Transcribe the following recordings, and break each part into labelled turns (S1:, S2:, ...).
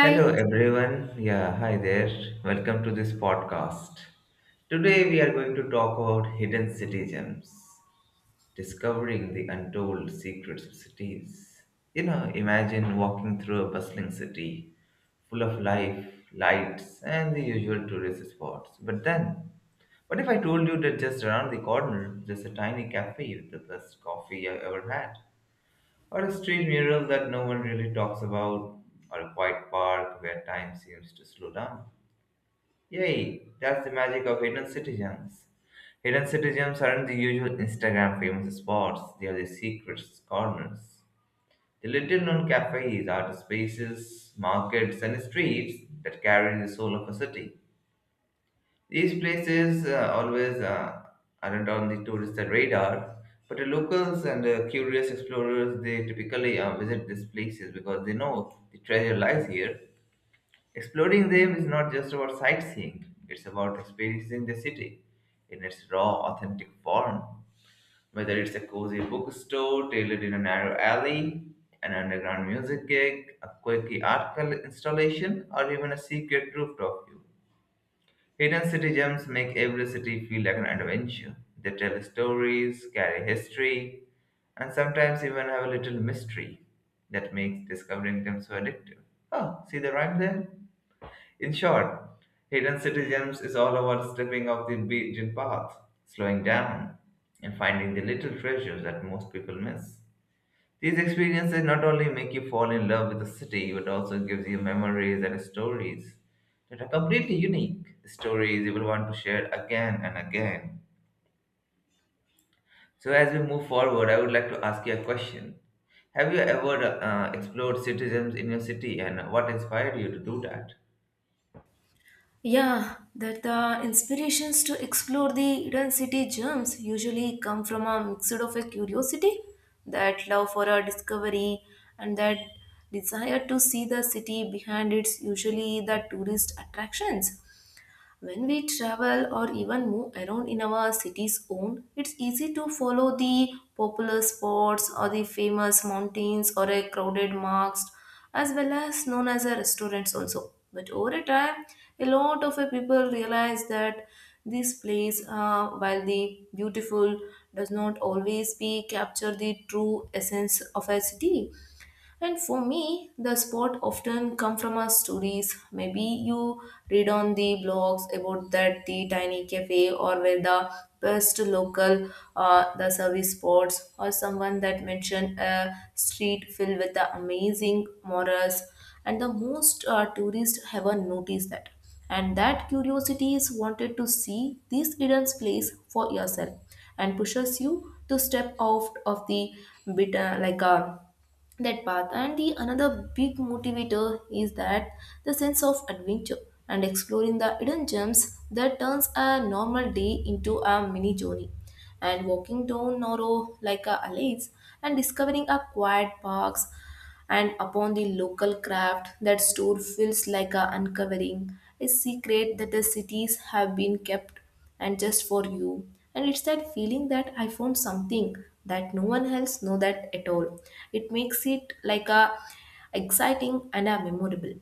S1: Hello everyone. Yeah, hi there. Welcome to this podcast. Today we are going to talk about hidden city gems, discovering the untold secrets of cities. You know, imagine walking through a bustling city full of life, lights, and the usual tourist spots. But then, what if I told you that just around the corner there's a tiny cafe with the best coffee I ever had? Or a street mural that no one really talks about, or a quiet park where time seems to slow down. Yay, that's the magic of hidden citizens. Hidden citizens aren't the usual Instagram famous spots, they are the secret corners. The little known cafes, art spaces, markets, and streets that carry the soul of a city. These places always aren't on the tourist radar, but the locals and curious explorers they typically visit these places because they know the treasure lies here. Exploring them is not just about sightseeing; it's about experiencing the city in its raw, authentic form. Whether it's a cozy bookstore tailored in a narrow alley, an underground music gig, a quirky installation, or even a secret rooftop view. Hidden city gems make every city feel like an adventure. They tell stories, carry history, and sometimes even have a little mystery that makes discovering them so addictive. Oh, see the rhyme there? In short, Hidden City Gems is all about stepping off the beaten path, slowing down, and finding the little treasures that most people miss. These experiences not only make you fall in love with the city, but also gives you memories and stories that are completely unique. Stories you will want to share again and again. So as we move forward, I would like to ask you a question. Have you ever explored citizens in your city and what inspired you to do that?
S2: Yeah, that the inspirations to explore the hidden city gems usually come from a mix of a curiosity, that love for a discovery, and that desire to see the city behind its usually the tourist attractions. When we travel or even move around in our city's own, it's easy to follow the popular spots or the famous mountains or a crowded marks as well as known as a restaurants also. But over a time, a lot of people realize that this place, while the beautiful, does not always be capture the true essence of a city, and for me, the sport often come from our stories. Maybe you read on the blogs about that the tiny cafe or where the best local the service spots or someone that mentioned a street filled with the amazing morals and the most tourists ever noticed that, and that curiosity is wanted to see this hidden place for yourself and pushes you to step out of the bit like a that path. And the another big motivator is that the sense of adventure and exploring the hidden gems that turns a normal day into a mini journey, and walking down narrow like a alleys and discovering a quiet parks and upon the local craft that store feels like a uncovering a secret that the cities have been kept and just for you. And it's that feeling that I found something that no one else know that at all, it makes it like a exciting and a memorable.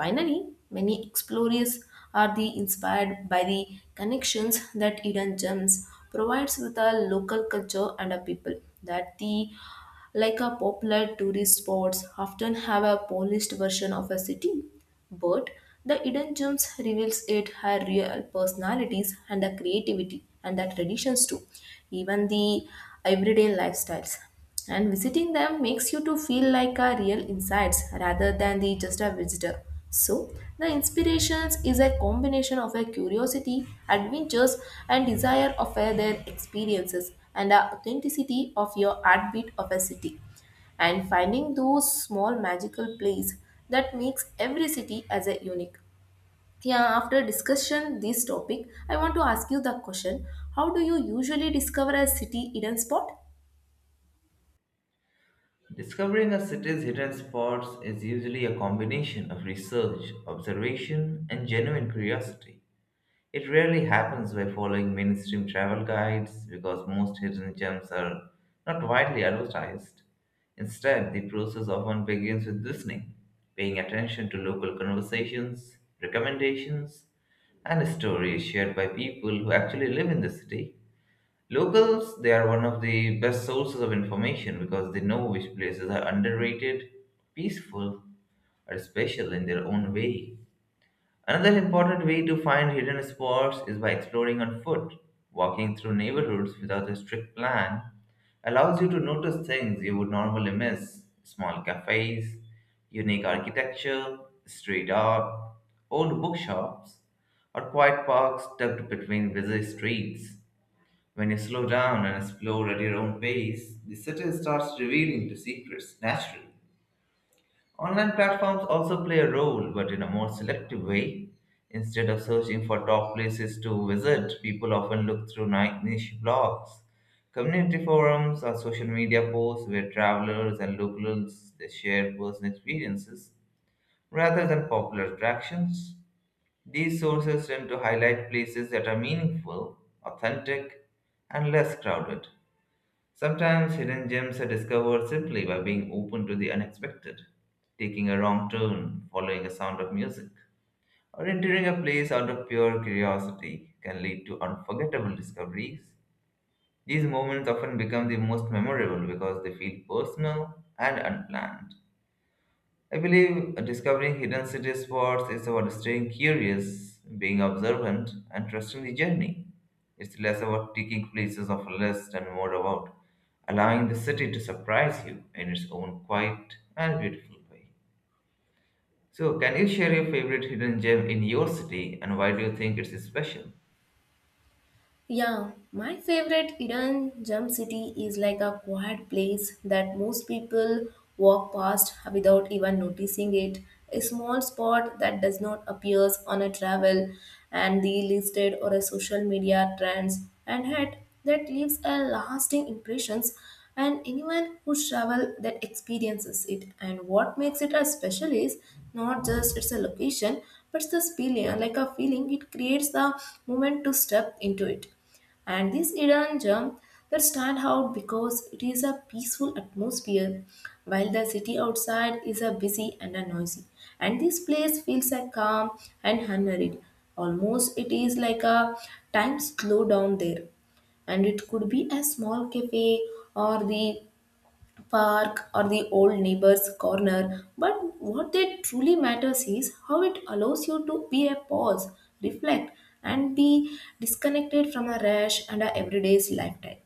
S2: Finally, many explorers are the inspired by the connections that hidden gems provides with a local culture and a people. That the like a popular tourist spots often have a polished version of a city, but the hidden gems reveals it her real personalities and the creativity and the traditions too, even the everyday lifestyles. And visiting them makes you to feel like a real insights rather than the just a visitor. So the inspirations is a combination of a curiosity, adventures, and desire of their experiences and the authenticity of your heartbeat of a city, and finding those small magical places that makes every city as a unique. Yeah, after discussion this topic I want to ask you the question: how do you usually discover a city hidden spot?
S1: Discovering a city's hidden spots is usually a combination of research, observation, and genuine curiosity. It rarely happens by following mainstream travel guides because most hidden gems are not widely advertised. Instead, the process often begins with listening, paying attention to local conversations, recommendations, and stories shared by people who actually live in the city. Locals, they are one of the best sources of information because they know which places are underrated, peaceful, or special in their own way. Another important way to find hidden spots is by exploring on foot. Walking through neighborhoods without a strict plan allows you to notice things you would normally miss small cafes, unique architecture, street art, old bookshops, or quiet parks tucked between busy streets. When you slow down and explore at your own pace, the city starts revealing the secrets naturally. Online platforms also play a role, but in a more selective way. Instead of searching for top places to visit, people often look through niche blogs, community forums, or social media posts where travelers and locals they share personal experiences rather than popular attractions. These sources tend to highlight places that are meaningful, authentic, and less crowded. Sometimes hidden gems are discovered simply by being open to the unexpected, taking a wrong turn, following a sound of music, or entering a place out of pure curiosity can lead to unforgettable discoveries. These moments often become the most memorable because they feel personal and unplanned. I believe discovering hidden city spots is about staying curious, being observant, and trusting the journey. It's less about ticking places off a list and more about allowing the city to surprise you in its own quiet and beautiful way. So, can you share your favorite hidden gem in your city and why do you think it's special?
S2: Yeah, my favorite hidden gem city is like a quiet place that most people walk past without even noticing it. A small spot that does not appears on a travel and the listed or a social media trends and had that leaves a lasting impressions, and anyone who traveled that experiences it. And what makes it a special is not just it's a location but it's this feeling, like a feeling it creates the moment to step into it. And this Iran gem that stand out because it is a peaceful atmosphere, while the city outside is a busy and a noisy. And this place feels a calm and unhurried. Almost it is like a time slow down there, and it could be a small cafe or the park or the old neighbor's corner, but what that truly matters is how it allows you to be a pause, reflect, and be disconnected from a rush and a everyday's lifetime.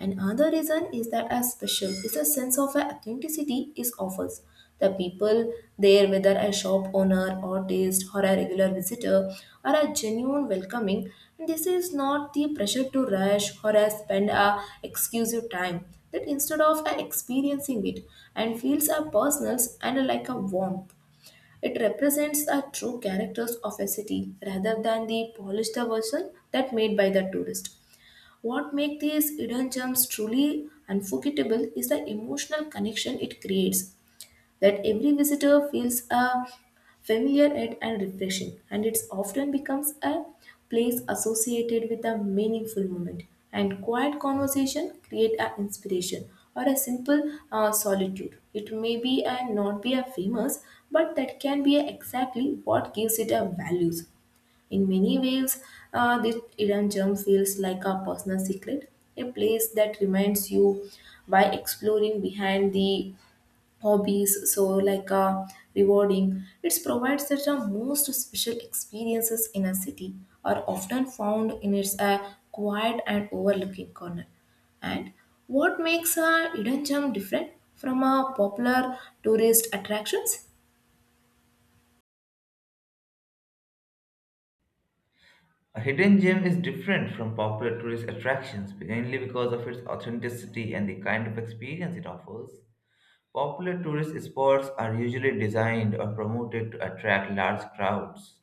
S2: Another reason is that as special is a sense of authenticity is offers. The people there, whether a shop owner or taste or a regular visitor, are a genuine welcoming. And this is not the pressure to rush or a spend a exclusive time. That instead of a experiencing it and feels a personal and like a warmth. It represents the true characters of a city rather than the polished version that made by the tourist. What makes these hidden gems truly unforgettable is the emotional connection it creates, that every visitor feels a familiar yet and refreshing, and it often becomes a place associated with a meaningful moment. And quiet conversation create an inspiration or a simple solitude. It may be and not be a famous, but that can be exactly what gives it a values. In many ways, this hidden gem feels like a personal secret, a place that reminds you by exploring behind the hobbies so like rewarding it provides that the most special experiences in a city are often found in its quiet and overlooking corner. And what makes a hidden gem different from a popular tourist attractions?
S1: A hidden gem is different from popular tourist attractions mainly because of its authenticity and the kind of experience it offers. Popular tourist spots are usually designed or promoted to attract large crowds.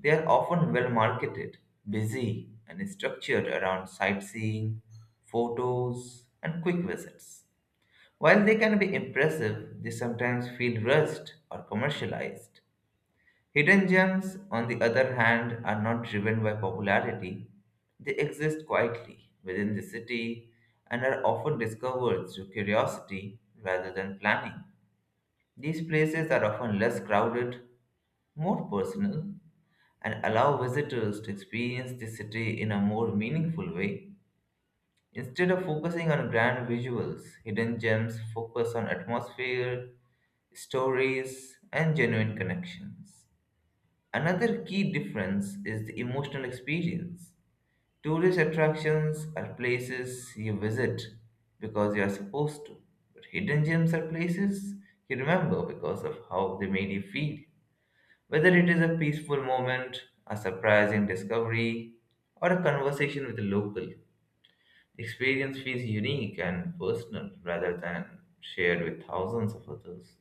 S1: They are often well marketed, busy, and structured around sightseeing, photos, and quick visits. While they can be impressive, they sometimes feel rushed or commercialized. Hidden gems, on the other hand, are not driven by popularity. They exist quietly within the city and are often discovered through curiosity rather than planning. These places are often less crowded, more personal, and allow visitors to experience the city in a more meaningful way. Instead of focusing on grand visuals, hidden gems focus on atmosphere, stories, and genuine connections. Another key difference is the emotional experience. Tourist attractions are places you visit because you are supposed to, but hidden gems are places you remember because of how they made you feel. Whether it is a peaceful moment, a surprising discovery, or a conversation with a local, the experience feels unique and personal rather than shared with thousands of others.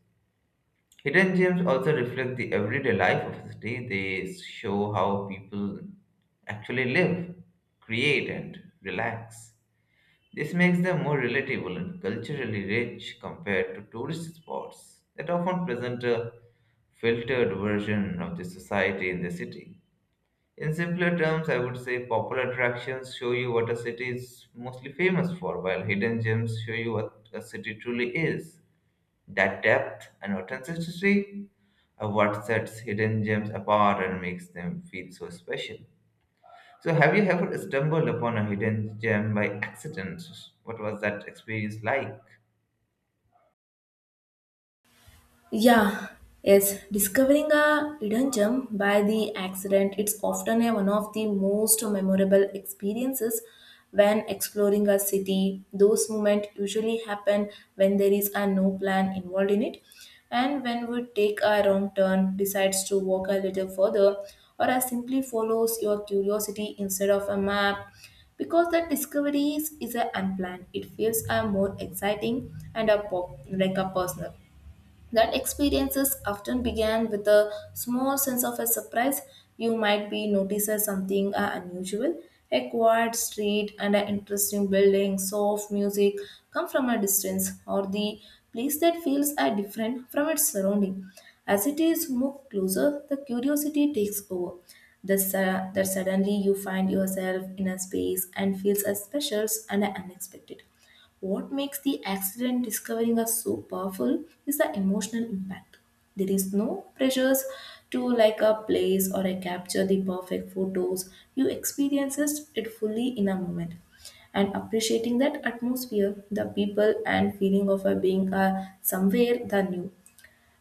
S1: Hidden gems also reflect the everyday life of the city. They show how people actually live, create, and relax. This makes them more relatable and culturally rich compared to tourist spots that often present a filtered version of the society in the city. In simpler terms, I would say popular attractions show you what a city is mostly famous for, while hidden gems show you what a city truly is. That depth and authenticity are what sets hidden gems apart and makes them feel so special. So, have you ever stumbled upon a hidden gem by accident? What was that experience like?
S2: Yeah, yes. Discovering a hidden gem by the accident, it's often one of the most memorable experiences when exploring a city. Those moments usually happen when there is a no plan involved in it, and when we take a wrong turn, decides to walk a little further, or as simply follows your curiosity instead of a map. Because that discovery is a unplanned, it feels a more exciting and a pop, like a personal. That experiences often began with a small sense of a surprise. You might be noticed as something unusual, a quiet street and an interesting building, soft music come from a distance, or the place that feels different from its surrounding. As it is moved closer, the curiosity takes over. That suddenly you find yourself in a space and feels as special and unexpected. What makes the accident discovering us so powerful is the emotional impact. There is no pressures to like a place or a capture the perfect photos. You experiences it fully in a moment. And appreciating that atmosphere, the people and feeling of a being somewhere the new.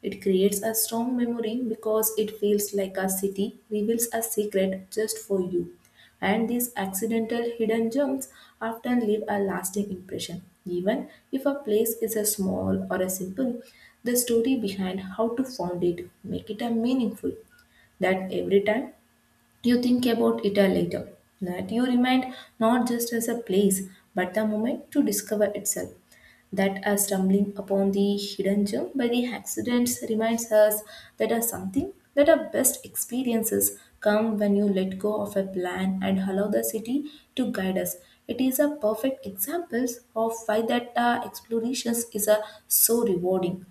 S2: It creates a strong memory because it feels like a city reveals a secret just for you. And these accidental hidden gems often leave a lasting impression. Even if a place is a small or a simple, the story behind how to found it make it a meaningful, that every time you think about it a later, that you remind not just as a place, but the moment to discover itself. That as stumbling upon the hidden gem by the accidents reminds us that are something that our best experiences come when you let go of a plan and allow the city to guide us. It is a perfect example of why that explorations is so rewarding.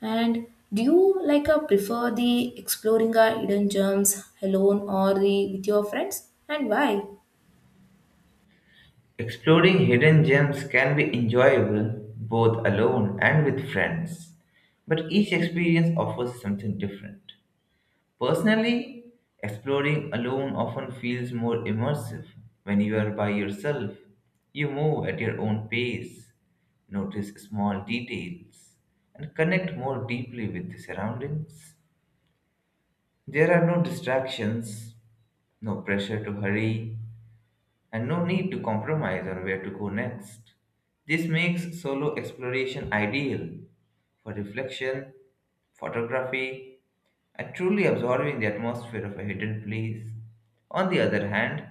S2: And do you like prefer the exploring hidden gems alone or the with your friends? And why?
S1: Exploring hidden gems can be enjoyable both alone and with friends, but each experience offers something different. Personally, exploring alone often feels more immersive. When you are by yourself, you move at your own pace, notice small details, and connect more deeply with the surroundings. There are no distractions, no pressure to hurry, and no need to compromise on where to go next. This makes solo exploration ideal for reflection, photography, and truly absorbing the atmosphere of a hidden place. On the other hand,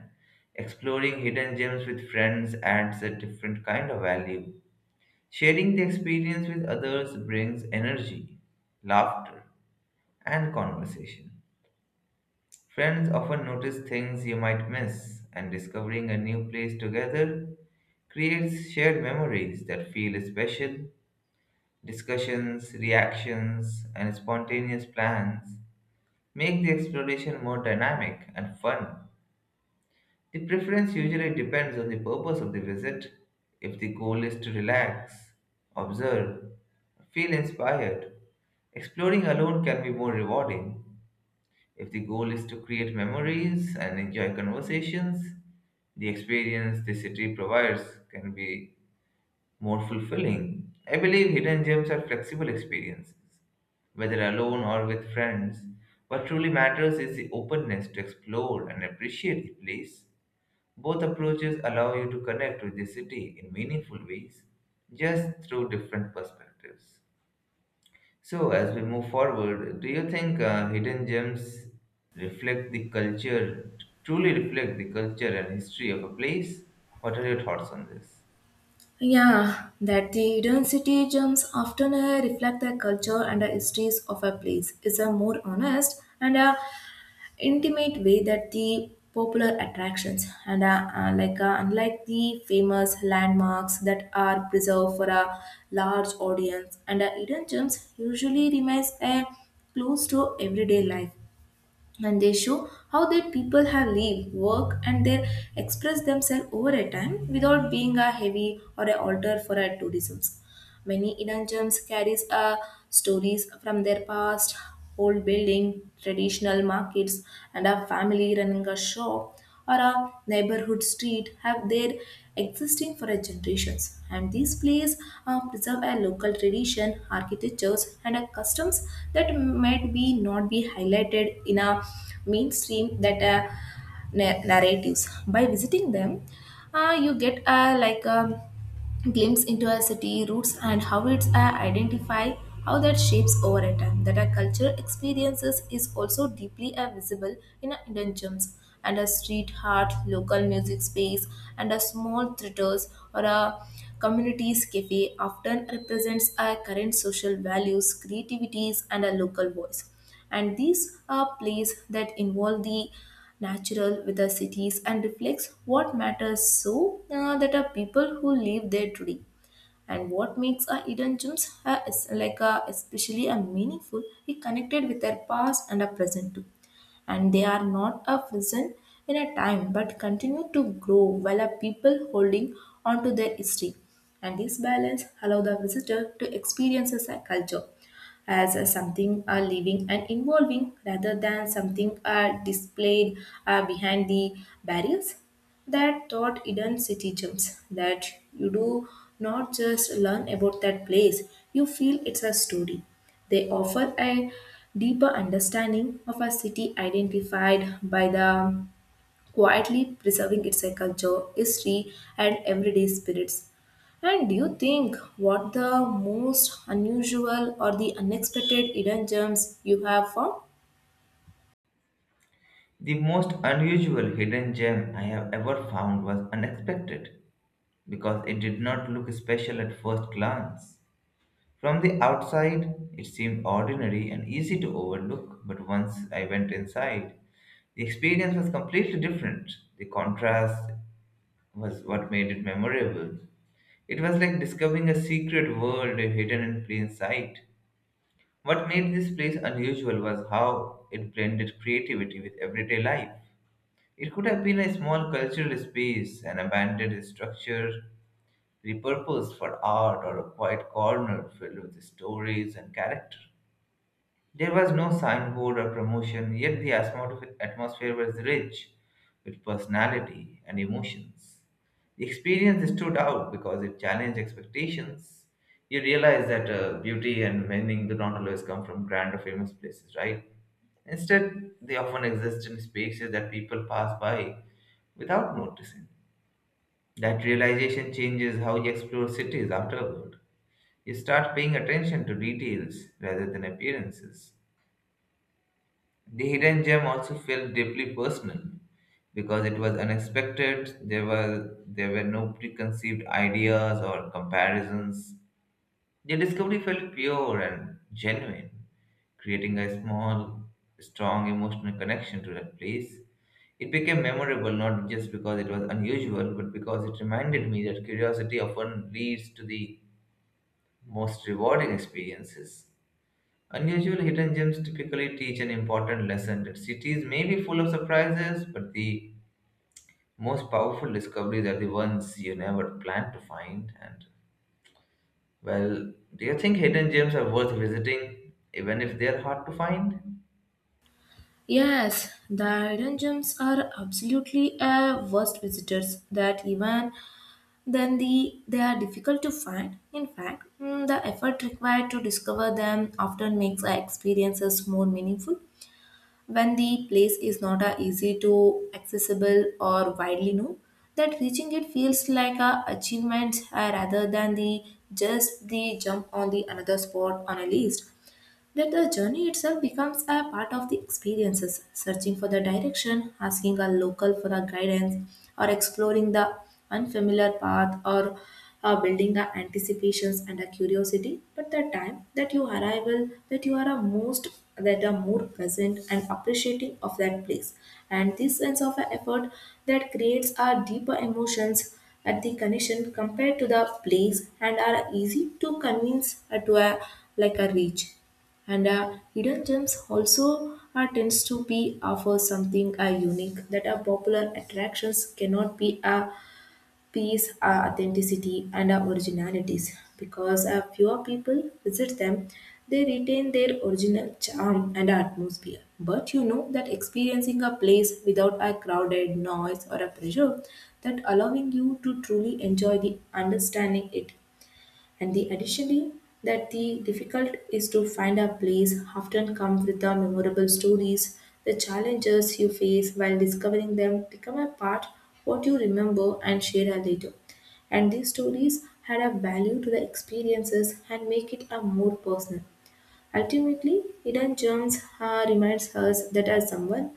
S1: exploring hidden gems with friends adds a different kind of value. Sharing the experience with others brings energy, laughter, and conversation. Friends often notice things you might miss, and discovering a new place together creates shared memories that feel special. Discussions, reactions, and spontaneous plans make the exploration more dynamic and fun. The preference usually depends on the purpose of the visit. If the goal is to relax, observe, feel inspired, exploring alone can be more rewarding. If the goal is to create memories and enjoy conversations, the experience the city provides can be more fulfilling. I believe hidden gems are flexible experiences whether alone or with friends. What truly matters is the openness to explore and appreciate the place. Both approaches allow you to connect with the city in meaningful ways, just through different perspectives. So, as we move forward, do you think hidden gems reflect the culture, truly reflect the culture and history of a place? What are your thoughts on this?
S2: Yeah, that the hidden city gems often reflect the culture and the histories of a place is a more honest and a intimate way that the popular attractions, and like unlike the famous landmarks that are preserved for a large audience. And hidden gems usually remains a close to everyday life, and they show how their people have lived, work, and they express themselves over a time without being a heavy or a altar for our tourism. Many Indian gems carries stories from their past, old building, traditional markets, and a family running a shop or a neighborhood street have their existing for a generations, and these plays preserve a local tradition architectures and a customs that might be not be highlighted in a mainstream that narratives. By visiting them you get like a glimpse into a city roots and how it's identify how that shapes over a time. That our cultural experiences is also deeply visible in our Indian gems, and a street art local music space and a small theaters or a communities cafe often represents our current social values creativities and a local voice. And these are plays that involve the natural with the cities and reflects what matters so that are people who live there today. And what makes a hidden gems is like a especially a meaningful is connected with their past and a present too, and they are not a prison in a time but continue to grow while a people holding on to their history. And this balance allow the visitor to experience a culture as a something living and evolving rather than something displayed behind the barriers. That taught hidden city gems that you do not just learn about that place, you feel it's a story. They offer a deeper understanding of a city identified by the quietly preserving its culture, history, and everyday spirits. And do you think what the most unusual or the unexpected hidden gems you have found?
S1: The most unusual hidden gem I have ever found was unexpected because it did not look special at first glance. From the outside, it seemed ordinary and easy to overlook, but once I went inside, the experience was completely different. The contrast was what made it memorable. It was like discovering a secret world hidden in plain sight. What made this place unusual was how it blended creativity with everyday life. It could have been a small cultural space, an abandoned structure repurposed for art, or a quiet corner filled with stories and character. There was no signboard or promotion, yet the atmosphere was rich with personality and emotions. The experience stood out because it challenged expectations. You realize that beauty and meaning do not always come from grand or famous places, right? Instead, they often exist in spaces that people pass by without noticing. That realization changes how you explore cities afterward. You start paying attention to details rather than appearances. The hidden gem also felt deeply personal because it was unexpected. There were no preconceived ideas or comparisons. The discovery felt pure and genuine, creating a small, strong emotional connection to that place. It became memorable not just because it was unusual, but because it reminded me that curiosity often leads to the most rewarding experiences. Unusual hidden gems typically teach an important lesson that cities may be full of surprises, but the most powerful discoveries are the ones you never planned to find. And, well, do you think hidden gems are worth visiting, even if they are hard to find?
S2: Yes, the hidden gems are absolutely a worst visitors that even then the they are difficult to find. In fact, the effort required to discover them often makes our experiences more meaningful. When the place is not a easy to accessible or widely known, that reaching it feels like a achievement rather than the just the jump on the another spot on a list, that the journey itself becomes a part of the experiences, searching for the direction, asking a local for a guidance, or exploring the unfamiliar path, or building the anticipations and a curiosity. But the time that you arrival, that you are a most, that are more present and appreciating of that place, and this sense of effort that creates a deeper emotions at the connection compared to the place and are easy to convince to a like a reach. And hidden gems also tends to be offer something unique that are popular attractions cannot be a piece authenticity and originalities because fewer people visit them, they retain their original charm and atmosphere, but you know that experiencing a place without a crowded noise or a pressure that allowing you to truly enjoy the understanding it. And the additionally, that the difficult is to find a place often comes with the memorable stories. The challenges you face while discovering them become a part what you remember and share later. And these stories add a value to the experiences and make it a more personal. Ultimately, hidden gems reminds us that as someone,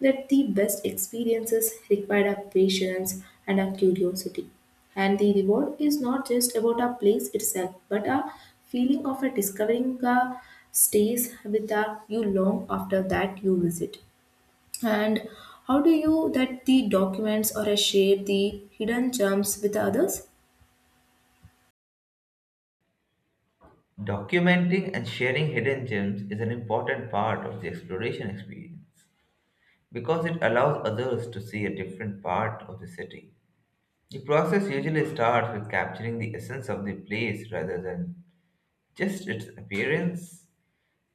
S2: that the best experiences require our patience and our curiosity. And the reward is not just about our place itself, but a feeling of a discovering a stays with a you long after that you visit. And how do you that the documents or a share the hidden gems with others?
S1: Documenting and sharing hidden gems is an important part of the exploration experience because it allows others to see a different part of the city. The process usually starts with capturing the essence of the place rather than just its appearance.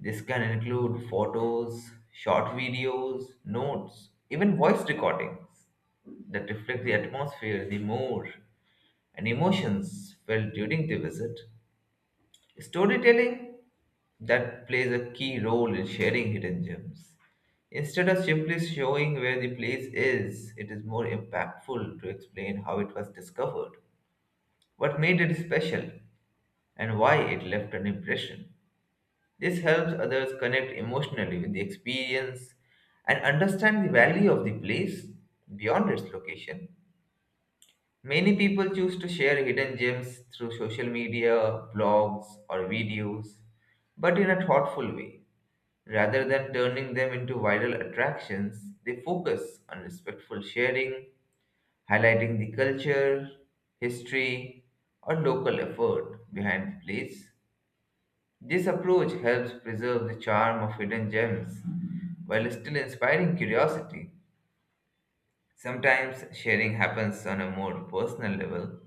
S1: This can include photos, short videos, notes, even voice recordings that reflect the atmosphere, the mood, and emotions felt during the visit. Storytelling that plays a key role in sharing hidden gems. Instead of simply showing where the place is, it is more impactful to explain how it was discovered, what made it special, and why it left an impression. This helps others connect emotionally with the experience and understand the value of the place beyond its location. Many people choose to share hidden gems through social media, blogs, or videos, but in a thoughtful way. Rather than turning them into viral attractions, they focus on respectful sharing, highlighting the culture, history, or local effort behind the place. This approach helps preserve the charm of hidden gems while still inspiring curiosity. Sometimes sharing happens on a more personal level,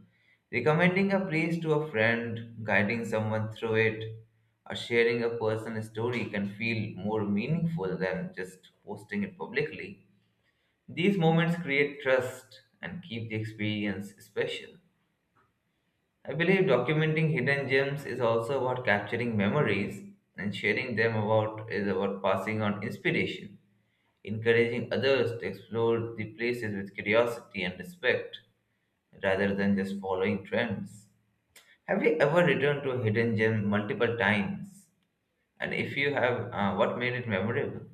S1: recommending a place to a friend, guiding someone through it, or sharing a personal story can feel more meaningful than just posting it publicly. These moments create trust and keep the experience special. I believe documenting hidden gems is also about capturing memories and sharing them about is about passing on inspiration, encouraging others to explore the places with curiosity and respect rather than just following trends. Have you ever returned to a hidden gem multiple times? And if you have, what made it memorable?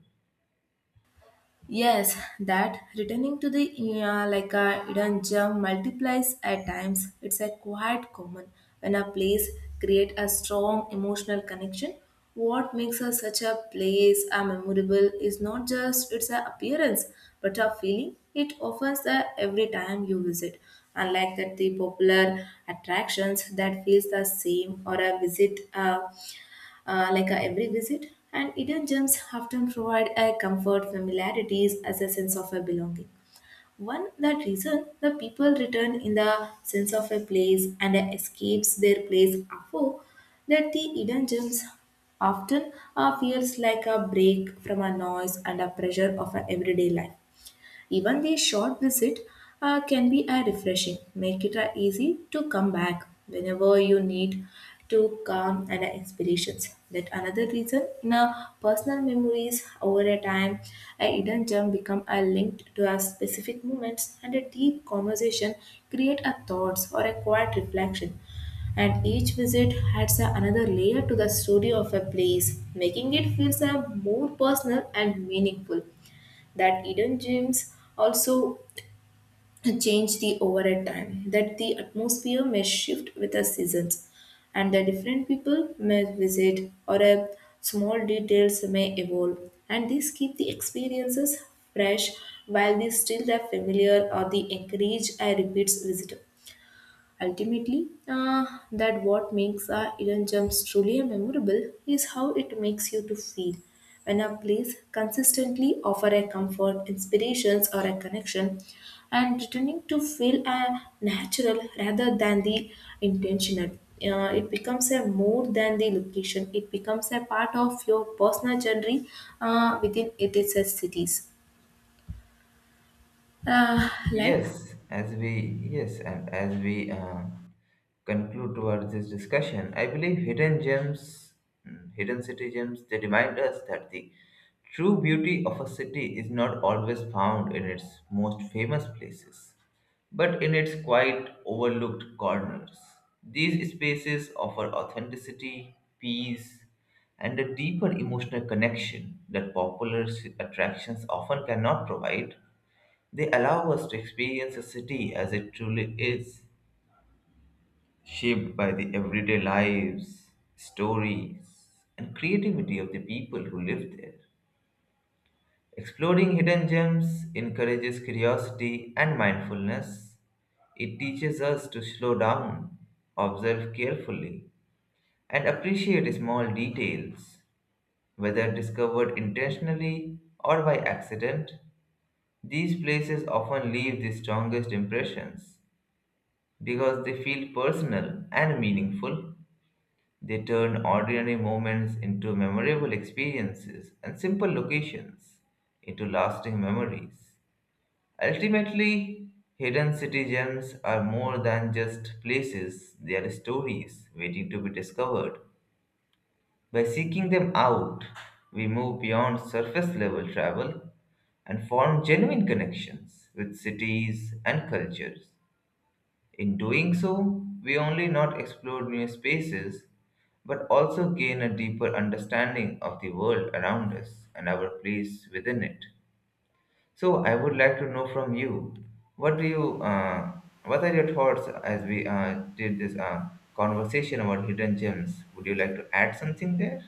S2: Yes, that returning to the like a hidden gem multiplies at times. It's a quite common when a place create a strong emotional connection. What makes a, such a place a memorable is not just its a appearance, but a feeling it offers the every time you visit. Unlike that, the popular attractions that feels the same or a visit. Every visit, and hidden gems often provide a comfort, familiarities, as a sense of a belonging. One that reason the people return in the sense of a place and escapes their place afore, that the hidden gems often feels like a break from a noise and a pressure of a everyday life. Even the short visit can be a refreshing, make it easy to come back whenever you need to calm and inspirations. That another reason in a personal memories over a time, a hidden gem become a linked to a specific moments and a deep conversation, create a thoughts or a quiet reflection, and each visit adds another layer to the story of a place, making it feel a more personal and meaningful, that hidden gems also change the overhead time, that the atmosphere may shift with the seasons, and the different people may visit or a small details may evolve, and these keep the experiences fresh while they still the familiar or the encourage a repeat visitor. Ultimately, that what makes our Eden Jumps truly a memorable is how it makes you to feel. When a place consistently offer a comfort, inspirations, or a connection, and returning to feel a natural rather than the intentional. It becomes a more than the location. It becomes a part of your personal journey within it is a cities. Uh, like
S1: Yes, as we yes, and as we conclude towards this discussion, I believe hidden gems, hidden city gems, they remind us that the true beauty of a city is not always found in its most famous places, but in its quiet, overlooked corners. These spaces offer authenticity, peace, and a deeper emotional connection that popular attractions often cannot provide. They allow us to experience a city as it truly is shaped by the everyday lives, stories, and creativity of the people who live there. Exploring hidden gems encourages curiosity and mindfulness. It teaches us to slow down, observe carefully, and appreciate small details, whether discovered intentionally or by accident. These places often leave the strongest impressions because they feel personal and meaningful. They turn ordinary moments into memorable experiences and simple locations into lasting memories. Ultimately, hidden city gems are more than just places, they are stories waiting to be discovered. By seeking them out, we move beyond surface level travel and form genuine connections with cities and cultures. In doing so, we only not explore new spaces, but also gain a deeper understanding of the world around us and our place within it. So, I would like to know from you, what do you, what are your thoughts as we did this conversation about hidden gems? Would you like to add something there?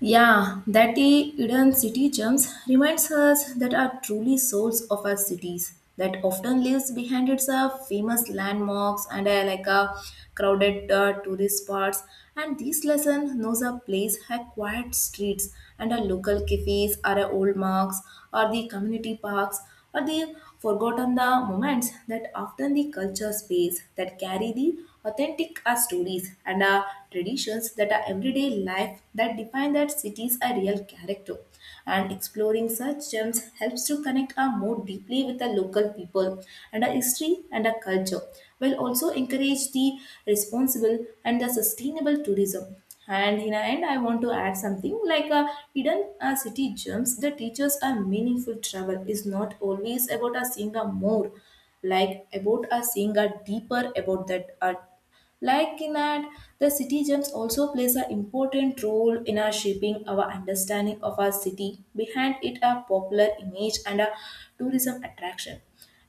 S2: Yeah, that the hidden city gems reminds us that are truly souls of our cities that often lives behind its famous landmarks and like a crowded tourist spots. And this lesson knows a place has quiet streets and a local cafes or a old marks or the community parks or they've forgotten the moments that often the culture space that carry the authentic stories and traditions that are everyday life that define that cities a real character, and exploring such gems helps to connect our more deeply with the local people and our history and our culture while also encourage the responsible and the sustainable tourism. And in the end, I want to add something like a hidden city gems. The teachers are meaningful travel is not always about a seeing a more, like about a seeing a deeper about that. Like in that, the citizens also plays an important role in our shaping our understanding of our city. Behind it are popular image and a tourism attraction.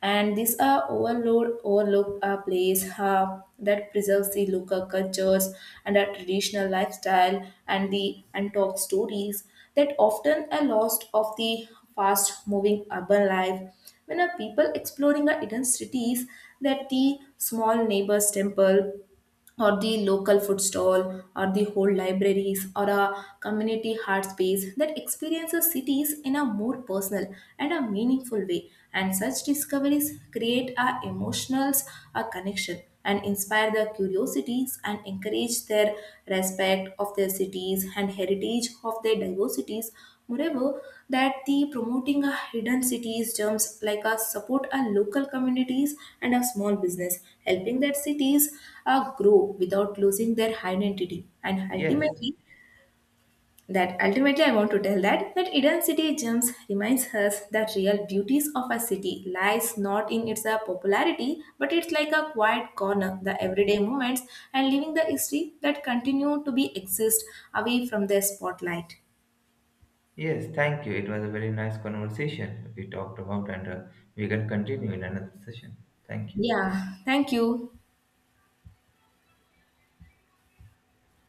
S2: And these are overload, overlooked place that preserves the local cultures and our traditional lifestyle and the untold stories that often are lost of the fast moving urban life, when a people exploring our hidden cities, that the small neighbor's temple or the local food stall or the whole libraries or a community art space that experiences cities in a more personal and a meaningful way, and such discoveries create a emotionals a connection and inspire their curiosities and encourage their respect of their cities and heritage of their diversities. Moreover, that the promoting a hidden cities germs like a support a local communities and a small business, helping that cities grow without losing their identity. And
S1: Yes,
S2: ultimately, that ultimately I want to tell that that Eden City Gems reminds us that real beauties of a city lies not in its popularity, but it's like a quiet corner, the everyday moments, and leaving the history that continue to be exist away from the spotlight.
S1: yes. Thank you. It was a very nice conversation we talked about, and we can continue in another session. Thank you.
S2: Yeah, thank you.